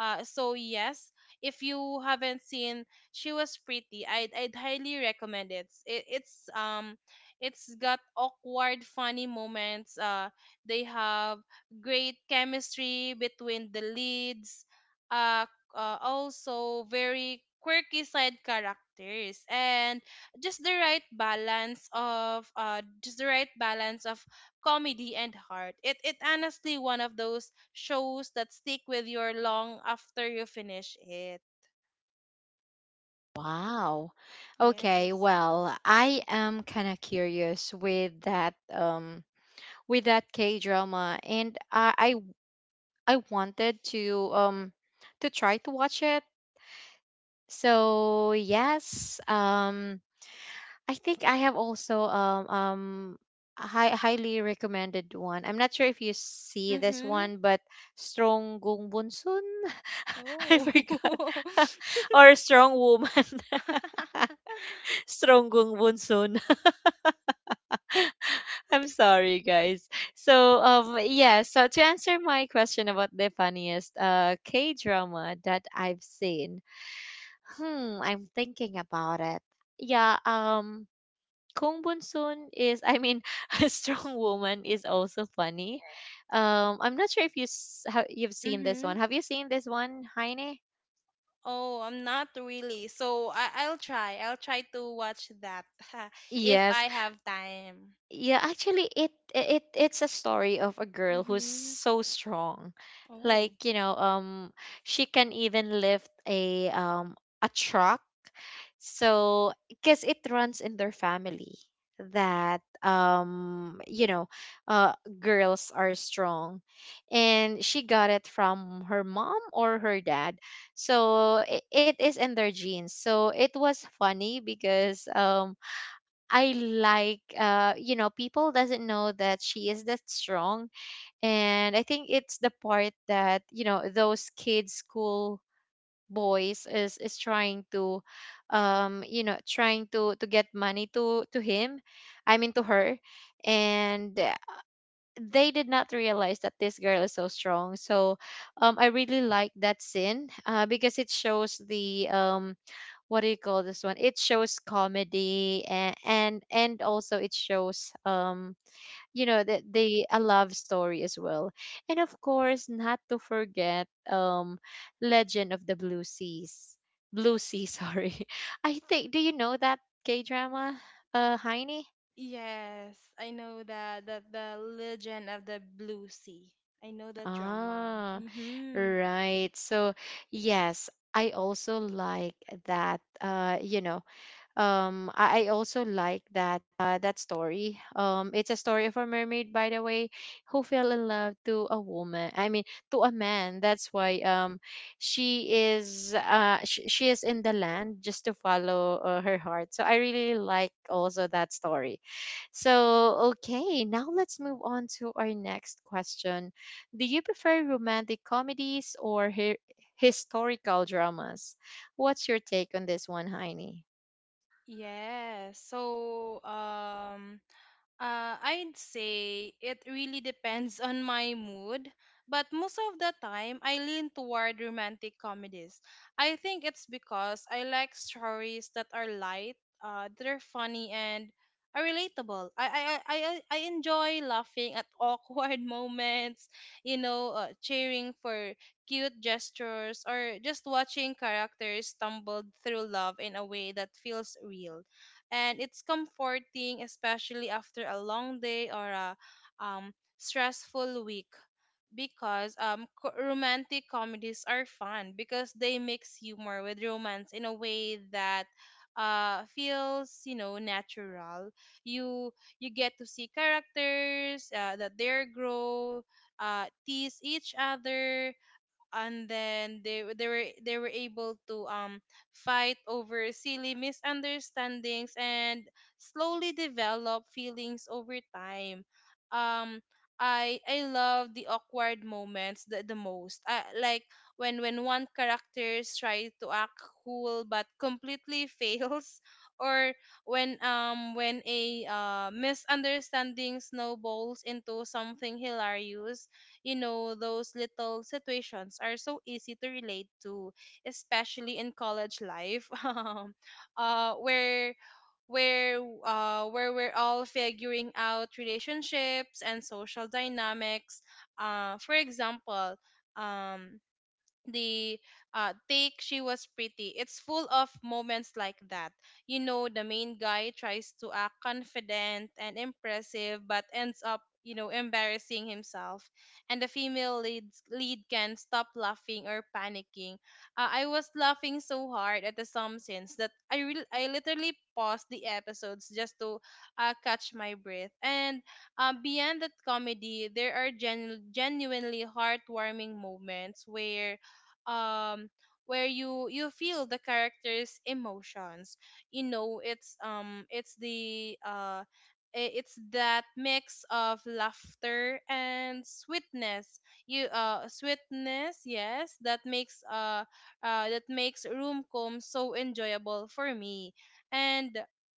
[SPEAKER 2] So yes, if you haven't seen She Was Pretty, I'd highly recommend it. It's got awkward funny moments. They have great chemistry between the leads, uh, also very quirky side characters, and just the right balance of comedy and heart. It honestly one of those shows that stick with your long after you finish it.
[SPEAKER 1] Wow. Okay,
[SPEAKER 2] Yes.
[SPEAKER 1] well, I am kind of curious with that K-drama, and I I wanted to try to watch it. So, yes, I think I have also highly recommended one. I'm not sure if you see this
[SPEAKER 2] Mhm.
[SPEAKER 1] one, but Strong Gung Bunsun. I
[SPEAKER 2] Oh.
[SPEAKER 1] forgot. Or Strong Woman. Strong Gung Bunsun. I'm sorry, guys. So, yeah. So to answer my question about the funniest K drama that I've seen, hmm, I'm thinking about it. Yeah. Kung Bunsoon is, I mean, a strong woman is also funny. I'm not sure if have you've seen this
[SPEAKER 2] Mhm.
[SPEAKER 1] one. Have you seen this one, Heine?
[SPEAKER 2] Oh I'm not really, so I'll try, I'll try to watch that if
[SPEAKER 1] Yes.
[SPEAKER 2] I have time.
[SPEAKER 1] Yeah, actually it's a story of a girl who's
[SPEAKER 2] Mm-hmm.
[SPEAKER 1] so strong.
[SPEAKER 2] Oh.
[SPEAKER 1] Like, you know, she can even lift a truck. So, because it runs in their family, that, um, you know, uh girls are strong. And she got it from her mom or her dad. So, it is in their genes. So, it was funny because, um, I like, uh, you know, people doesn't know that she is that strong. And I think it's the part that, you know, those kids school boys is trying to, um, you know, trying to get money to him, I mean to her. And they did not realize that this girl is so strong. So, um, I really like that scene, because it shows the, um, what do you call this one? It shows comedy and and also it shows, um, you know, the a love story as well. And of course, not to forget, um, Legend of the Blue Seas. Blue Sea, sorry. I think, do you know that K drama, uh,
[SPEAKER 2] Y-
[SPEAKER 1] Heine?
[SPEAKER 2] Yes, I know that the Legend of the Blue Sea. I know that drama.
[SPEAKER 1] Ah,
[SPEAKER 2] Mm-hmm.
[SPEAKER 1] right. So yes, I also like that, uh, you know, I also like that, that story. Um, it's a story of a mermaid, by the way, who fell in love to a woman, I mean to a man. That's why, um, she is in the land just to follow, her heart. So I really like also that story. So okay, now let's move on to our next question. Do you prefer romantic comedies or historical dramas? What's your take on this one, heini?
[SPEAKER 2] Yes. I'd say it really depends on my mood, but most of the time I lean toward romantic comedies. I think it's because I like stories that are light, that are funny and are relatable. I enjoy laughing at awkward moments, you know, cheering for cute gestures or just watching characters stumble through love in a way that feels real. And it's comforting, especially after a long day or a stressful week, because romantic comedies are fun because they mix humor with romance in a way that feels, you know, natural. you you get to see characters that their grow, tease each other, and then they were able to fight over silly misunderstandings and slowly develop feelings over time. um I love the awkward moments the most. Like when one character tries to act cool but completely fails, or when a misunderstanding snowballs into something hilarious. You know, those little situations are so easy to relate to, especially in college life, uh, where where where we're all figuring out relationships and social dynamics. For example, um the take She Was Pretty. It's full of moments like that. You know, the main guy tries to act confident and impressive but ends up, you know, embarrassing himself, and the female leads lead can stop laughing or panicking. I was laughing so hard at the some scenes that I literally paused the episodes just to catch my breath. And beyond that comedy, there are genuinely heartwarming moments um where you feel the character's emotions. You know, it's the it's that mix of laughter and sweetness. You sweetness Yes, that makes room Roomcom so enjoyable for me. And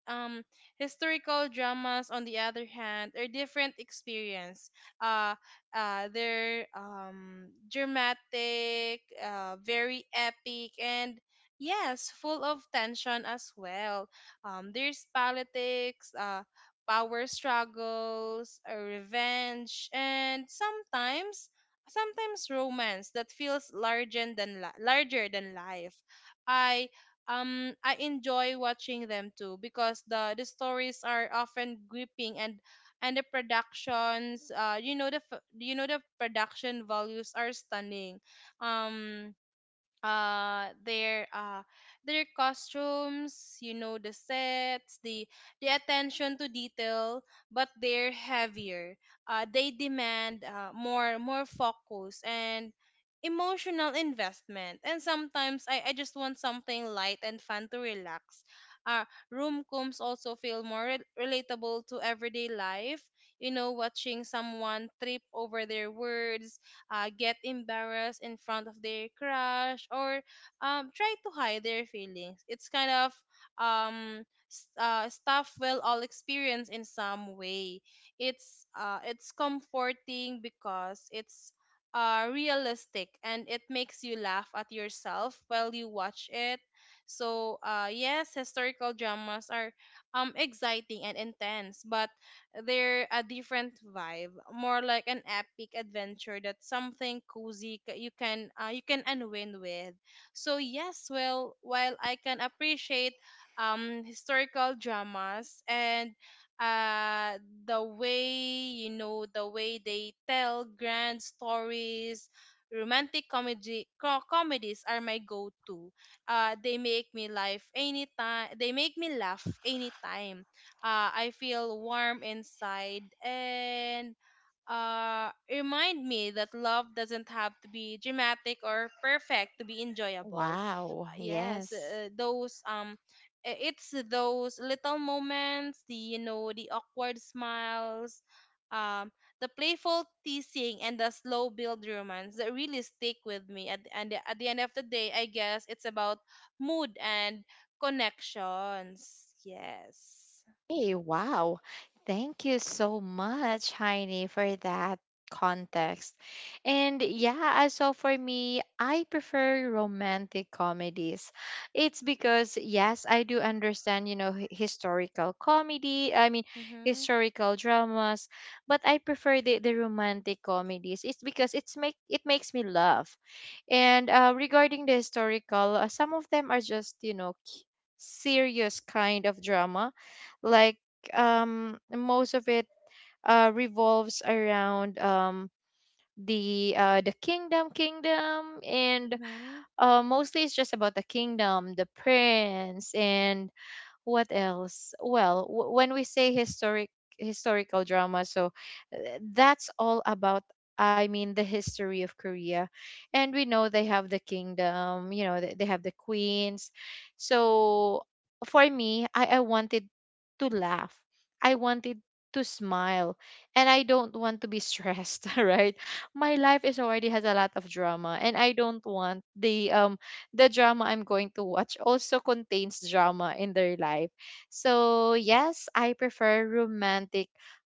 [SPEAKER 2] um Historical dramas, on the other hand, are different experience. uh they're dramatic, very epic, and yes, full of tension as well. There's politics, power struggles, revenge, and sometimes romance that feels larger than life. I I enjoy watching them too, because the stories are often gripping and the productions, you know, you know, the production values are stunning. um uh their uh their costumes, you know, the sets, the attention to detail. But they're heavier. They demand more focus and emotional investment, and sometimes I just want something light and fun to relax. uh Room combs also feel more relatable to everyday life. You know, watching someone trip over their words, get embarrassed in front of their crush, or try to hide their feelings. It's kind of um, stuff we'll all experience in some way. It's comforting because it's realistic, and it makes you laugh at yourself while you watch it. So yes, historical dramas are exciting and intense, but they're a different vibe, more like an epic adventure, that's something cozy you can unwind with. So yes, well, while I can appreciate historical dramas and uh the way, you know, the way they tell grand stories, comedies are my go-to. They make me laugh anytime, I feel warm inside, and remind me that love doesn't have to be dramatic or perfect to be enjoyable.
[SPEAKER 1] Wow,
[SPEAKER 2] Yes,
[SPEAKER 1] yes.
[SPEAKER 2] those it's those little moments, the, you know, the awkward smiles, um, the playful teasing, and the slow build romance that really stick with me. At and at the end of the day, I guess it's about mood and connections. Yes.
[SPEAKER 1] Hey, wow. Thank you so much, Heini, for that context. And yeah, as so for me, I prefer romantic comedies. It's because yes, I do understand, you know, historical comedy, I mean,
[SPEAKER 2] Mm-hmm.
[SPEAKER 1] historical dramas, but I prefer the romantic comedies. It's because it's make it makes me laugh. And, regarding the historical, some of them are just, you know, serious kind of drama. Like, most of it, revolves around, the kingdom, and,
[SPEAKER 2] Mm-hmm.
[SPEAKER 1] mostly it's just about the kingdom, the prince, and what else? Well, when we say historical drama, so, uh, that's all about, I mean, the history of Korea. And we know they have the kingdom, you know, they have the queens. So for me, I wanted to laugh. I wanted to smile, and I don't want to be stressed, right? My life is already has a lot of drama, and I don't want the, um, the drama I'm going to watch also contains drama in their life. So, yes, I prefer romantic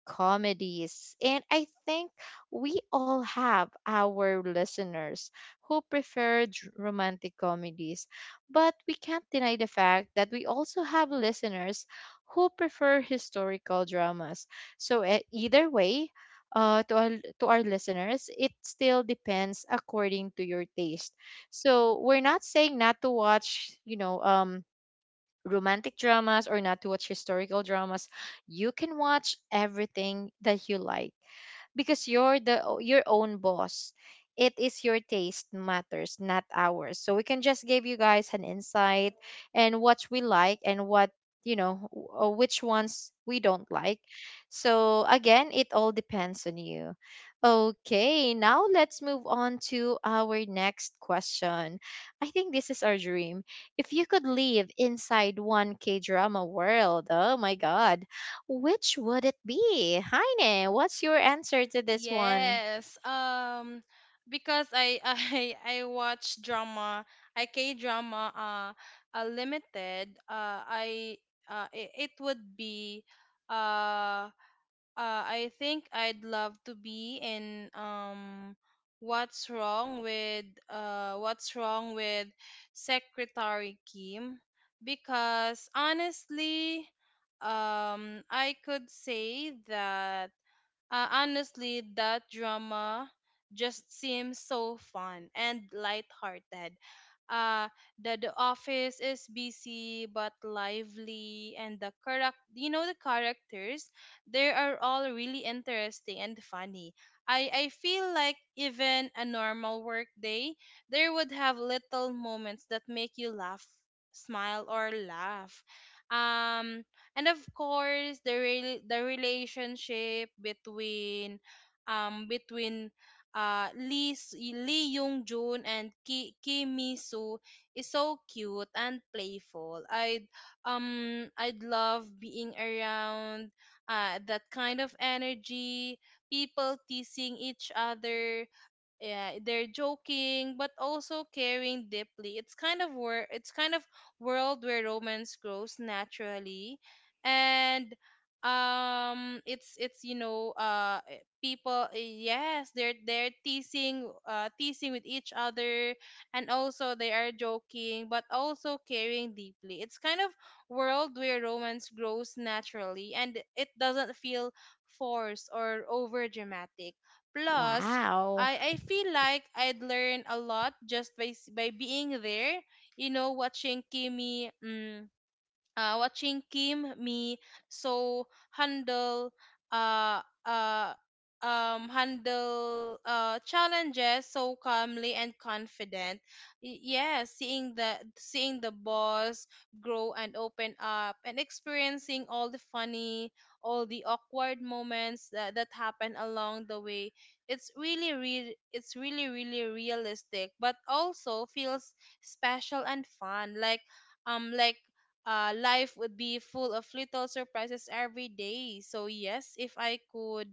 [SPEAKER 1] comedies. And I think we all have our listeners who prefer romantic comedies. But we can't deny the fact that we also have listeners who prefer historical dramas. So, either way, uh, to our, to our listeners, it still depends according to your taste. So we're not saying not to watch, you know, romantic dramas or not to watch historical dramas. You can watch everything that you like, because you're the your own boss. It is your taste matters, not ours. So we can just give you guys an insight and what we like and what, you know, which ones we don't like. So again, it all depends on you. Okay, now let's move on to our next question. I think this is our dream. If you could live inside one K drama world, oh my god, which would it be? Heine, what's your answer to this one?
[SPEAKER 2] Yes. Because I I watch drama, I K drama, limited. I it, it would be uh I think I'd love to be in What's Wrong with Secretary Kim, because honestly, I could say that honestly, that drama just seems so fun and lighthearted. Uh, the office is busy but lively, and the character, you know, the characters, they are all really interesting and funny. I feel like even a normal work day, there would have little moments that make you laugh, smile, or laugh. Um, and of course the relationship between um between Lee Lee Young Jun and Ki Kim Mi Soo is so cute and playful. I'd love being around that kind of energy, people teasing each other, yeah, they're joking but also caring deeply. It's kind of it's kind of world where romance grows naturally. And it's, you know, people, yes, they're teasing, teasing with each other, and also they are joking but also caring deeply. It's kind of world where romance grows naturally, and it doesn't feel forced or over dramatic. Plus,
[SPEAKER 1] Wow.
[SPEAKER 2] I feel like I'd learn a lot just by by being there, you know, watching Kimi. Mm, watching Kim Me so handle uh uh challenges so calmly and confident. Yeah, seeing the boss grow and open up and experiencing all the funny, all the awkward moments that happen along the way. It's really realistic but also feels special and fun. Um like Life would be full of little surprises every day. So yes,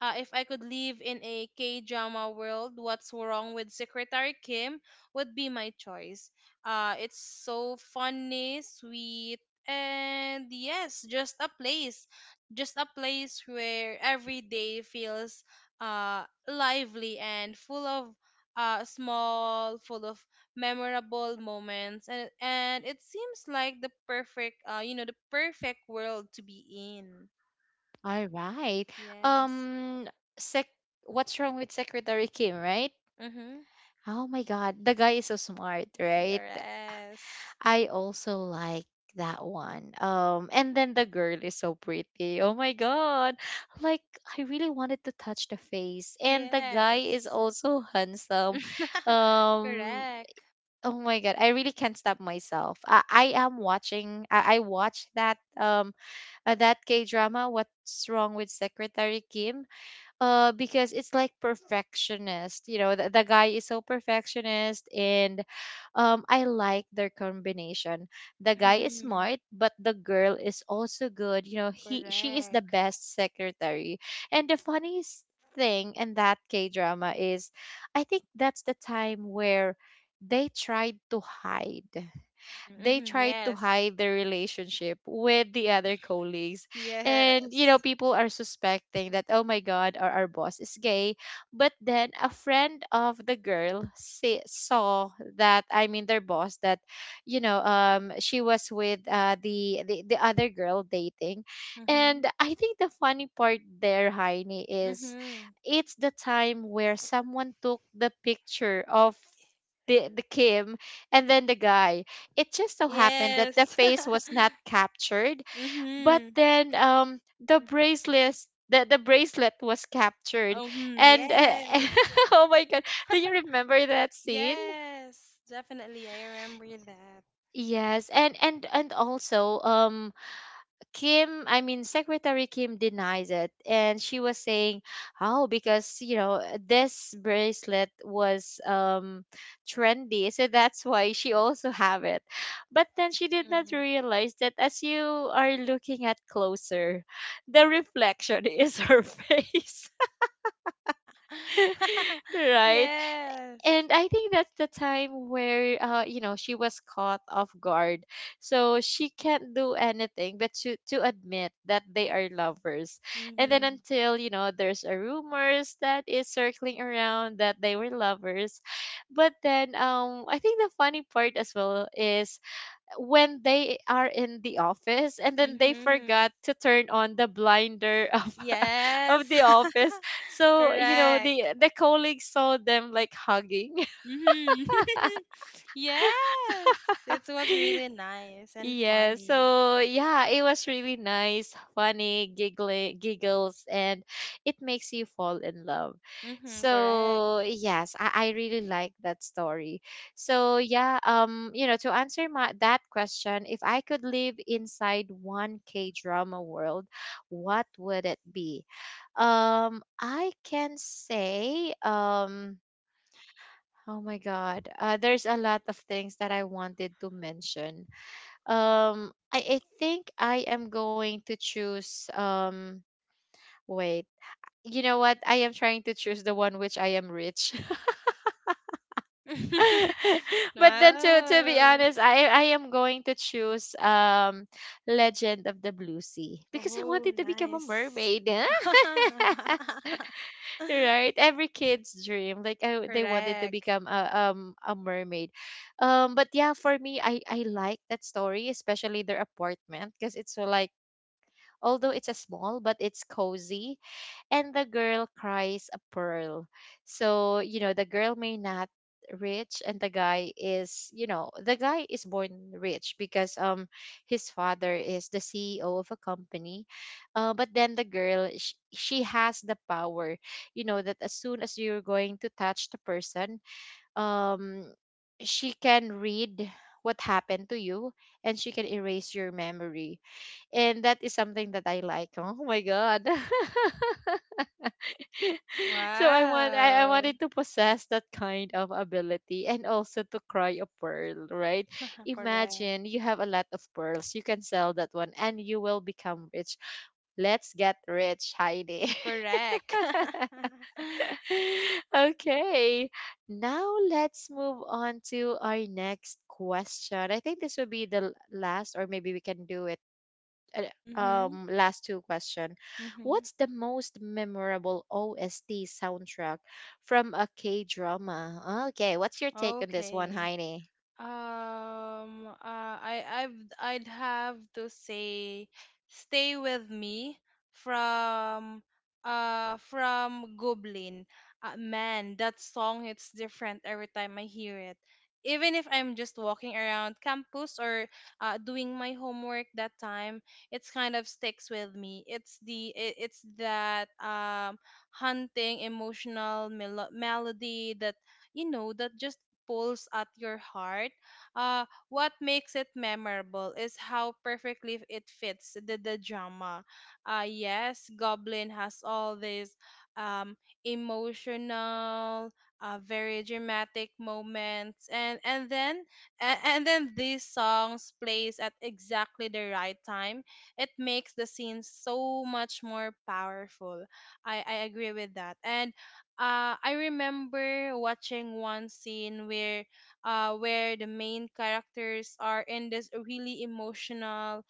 [SPEAKER 2] if I could live in a K drama world, What's Wrong with Secretary Kim would be my choice. It's so funny, sweet, and yes, just a place. Just a place where every day feels lively and full of full of memorable moments. And it seems like the perfect, you know, the perfect world to be in.
[SPEAKER 1] All right.
[SPEAKER 2] Yes.
[SPEAKER 1] Um, sec what's wrong with Secretary Kim, right?
[SPEAKER 2] Mm-hmm.
[SPEAKER 1] Oh my god, the guy is so smart, right?
[SPEAKER 2] Yes.
[SPEAKER 1] I also like that one. Um, and then the girl is so pretty. Oh my god. Like, I really wanted to touch the face, and the guy is
[SPEAKER 2] Yes.
[SPEAKER 1] also handsome. Um,
[SPEAKER 2] Correct.
[SPEAKER 1] oh my god, I really can't stop myself. I am watching. I watched that, um, that K drama. What's wrong with Secretary Kim? Uh, because it's like perfectionist. You know, the guy is so perfectionist. And, um, I like their combination. The guy is
[SPEAKER 2] Mm-hmm.
[SPEAKER 1] smart, but the girl is also good. You know, he she is the
[SPEAKER 2] Correct.
[SPEAKER 1] best secretary. And the funniest thing in that k drama is, I think that's the time where they tried to hide they
[SPEAKER 2] Mm-hmm.
[SPEAKER 1] try to
[SPEAKER 2] Yes.
[SPEAKER 1] hide their relationship with the other colleagues. And, you know,
[SPEAKER 2] Yes.
[SPEAKER 1] people are suspecting that, oh my God, our boss is gay. But then a friend of the girl saw that, I mean, their boss, that, you know, she was with, the other girl dating.
[SPEAKER 2] Mm-hmm.
[SPEAKER 1] And I think the funny part there, Heini, is
[SPEAKER 2] Mm-hmm.
[SPEAKER 1] it's the time where someone took the picture of the Kim and then the guy. It just so happened that the
[SPEAKER 2] Yes.
[SPEAKER 1] face was not captured, but
[SPEAKER 2] Mm-hmm.
[SPEAKER 1] then, um, the bracelet, the bracelet was captured.
[SPEAKER 2] Oh, hmm.
[SPEAKER 1] And,
[SPEAKER 2] Yes.
[SPEAKER 1] oh my god, do you remember that scene?
[SPEAKER 2] Yes. Definitely. I remember that.
[SPEAKER 1] Yes. And also, um, Kim, I mean, Secretary Kim denies it. And she was saying, oh, because, you know, this bracelet was, trendy. So that's why she also have it. But then she did not
[SPEAKER 2] Mm.
[SPEAKER 1] realize that as you are looking at closer, the reflection is her face, right?
[SPEAKER 2] Yes.
[SPEAKER 1] And I think that's the time where she was caught off guard. So she can't do anything but to admit that they are lovers. And then,
[SPEAKER 2] Mm-hmm.
[SPEAKER 1] until there's a rumors that is circling around that they were lovers. But then I think the funny part as well is when they are in the office and then they
[SPEAKER 2] Mm-hmm.
[SPEAKER 1] forgot to turn on the blinder
[SPEAKER 2] Yes.
[SPEAKER 1] of the office. So,
[SPEAKER 2] Correct.
[SPEAKER 1] the colleagues saw them like hugging.
[SPEAKER 2] Hmm. Yes, it was really nice and
[SPEAKER 1] Yeah,
[SPEAKER 2] funny.
[SPEAKER 1] so yeah, it was really nice, funny, giggly, giggles, and it makes you fall in love.
[SPEAKER 2] Mm-hmm, correct.
[SPEAKER 1] So yes, I really like that story. So yeah, to answer my that question, if I could live inside one K drama world, what would it be? I can say, oh my God, there's a lot of things that I wanted to mention. I think I am going to choose. Wait, you know what? I am trying to choose the one which I am rich. But then, to be
[SPEAKER 2] Oh.
[SPEAKER 1] honest, I am going to choose, Legend of the Blue Sea, because I
[SPEAKER 2] Oh,
[SPEAKER 1] wanted to become a
[SPEAKER 2] nice.
[SPEAKER 1] mermaid. Right? Every kid's dream, they wanted to
[SPEAKER 2] Correct.
[SPEAKER 1] become a mermaid. But yeah, for me, I like that story, especially their apartment, because it's so like, although it's a small but it's cozy, and the girl cries a pearl. So you know the girl may not rich, and the guy is, you know, the guy is born rich because his father is the CEO of a company. But then the girl, she has the power, you know, that as soon as you're going to touch the person, um she can read what happened to you, and she can erase your memory. And that is something that I like. Oh my god. So I
[SPEAKER 2] Wow.
[SPEAKER 1] wanted to possess that kind of ability, and also to cry a pearl, right?
[SPEAKER 2] Correct.
[SPEAKER 1] Imagine you have a lot of pearls. You can sell that one and you will become rich. Let's get rich, Heidi.
[SPEAKER 2] Correct.
[SPEAKER 1] Okay. Now let's move on to our next question. I think this will be the last, or maybe we can do it uh,
[SPEAKER 2] Mm-hmm,
[SPEAKER 1] last two question.
[SPEAKER 2] mm-hmm.
[SPEAKER 1] What's the most memorable OST soundtrack from a K-drama? Okay, what's your take on this one,
[SPEAKER 2] Okay.
[SPEAKER 1] Heine?
[SPEAKER 2] I'd have to say Stay With Me from from Goblin. Man, that song hits different every time I hear it. Even if I'm just walking around campus or doing my homework that time, it's kind of sticks with me. It's that haunting emotional melody that you know that just pulls at your heart. What makes it memorable is how perfectly it fits the drama. Yes, Goblin has all these um, emotional, very dramatic moments, and then these songs plays at exactly the right time. It makes the scene so much more powerful. I agree with that, and I remember watching one scene where the main characters are in this really emotional,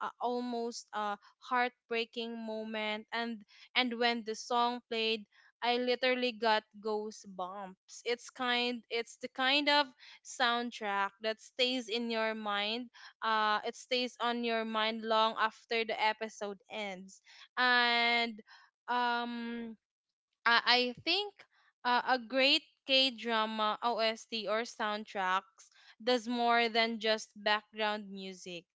[SPEAKER 2] almost heartbreaking moment and when the song played I literally got goosebumps. It's the kind of soundtrack that stays in your mind. It stays on your mind long after the episode ends. And um I think a great K drama OST or soundtracks does more than just background music.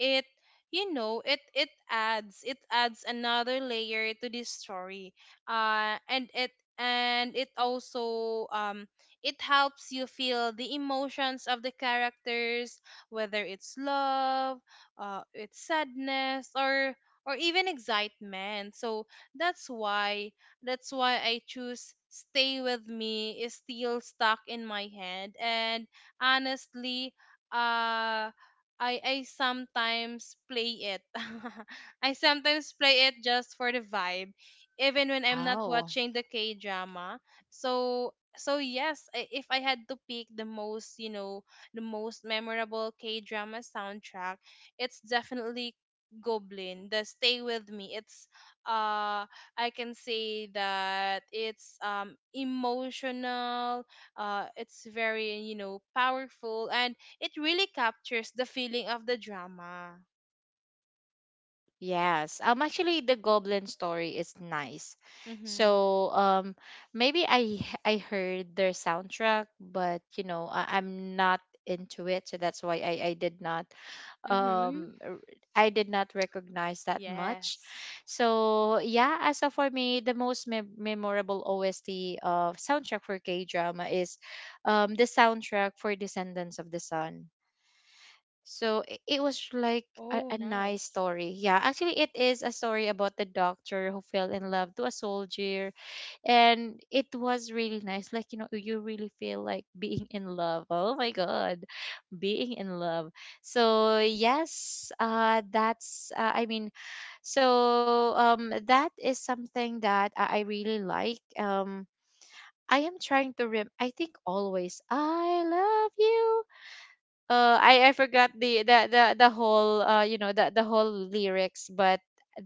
[SPEAKER 2] It, you know, it adds another layer to this story. And it and it also it helps you feel the emotions of the characters, whether it's love, it's sadness, or even excitement. So that's why that's why I choose Stay With Me is still stuck in my head. And honestly, uh I sometimes play it. I sometimes play it just for the vibe, even when I'm not
[SPEAKER 1] Oh,
[SPEAKER 2] watching the K drama. So so yes, if I had to pick the most, you know, the most memorable K drama soundtrack, it's definitely Goblin. The Stay With Me. It's uh I can say that it's emotional, it's very, you know, powerful and it really captures the feeling of the drama.
[SPEAKER 1] yes. Actually, the goblin story is nice.
[SPEAKER 2] Mhm.
[SPEAKER 1] So, maybe I heard their soundtrack, but you know, I, I'm not into it, so that's why I did not
[SPEAKER 2] Mhm.
[SPEAKER 1] um r- I did not recognize that much.
[SPEAKER 2] Yes.
[SPEAKER 1] So yeah, as of for me, the most memorable OST of soundtrack for K drama is the soundtrack for Descendants of the Sun. So it was like
[SPEAKER 2] Oh,
[SPEAKER 1] a nice
[SPEAKER 2] nice.
[SPEAKER 1] story. Yeah, actually, it is a story about the doctor who fell in love to a soldier, and it was really nice. Like you know, you really feel like being in love. Oh my god, being in love. So yes, that is something that I really like. I am trying to rem. I think always I love you. I forgot the whole you know the whole lyrics, but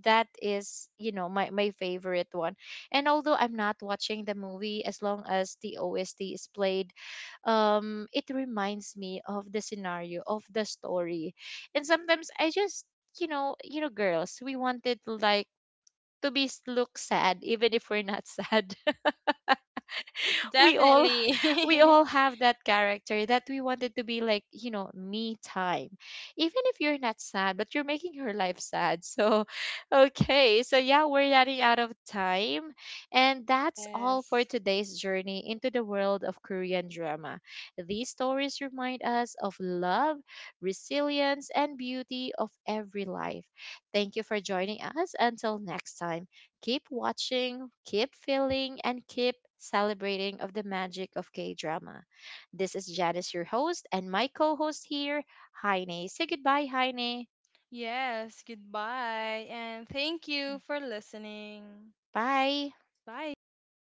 [SPEAKER 1] that is, you know, my favorite one. And although I'm not watching the movie, as long as the OST is played, it reminds me of the scenario of the story. And sometimes I just, you know, girls, we wanted like to be look sad even if we're not sad. We all
[SPEAKER 2] Definitely.
[SPEAKER 1] we all have that character that we wanted to be like, you know, me time, even if you're not sad but you're making her life sad. So okay, so yeah, we're running out of time, and that's all for
[SPEAKER 2] Yes.
[SPEAKER 1] today's journey into the world of Korean drama. These stories remind us of love, resilience, and beauty of every life. Thank you for joining us until next time. Keep watching, keep feeling, and keep celebrating of the magic of K-drama. This is Janice, your host, and my co-host here, Heine. Say goodbye, Heine.
[SPEAKER 2] Yes, goodbye and thank you for listening.
[SPEAKER 1] Bye.
[SPEAKER 2] Bye.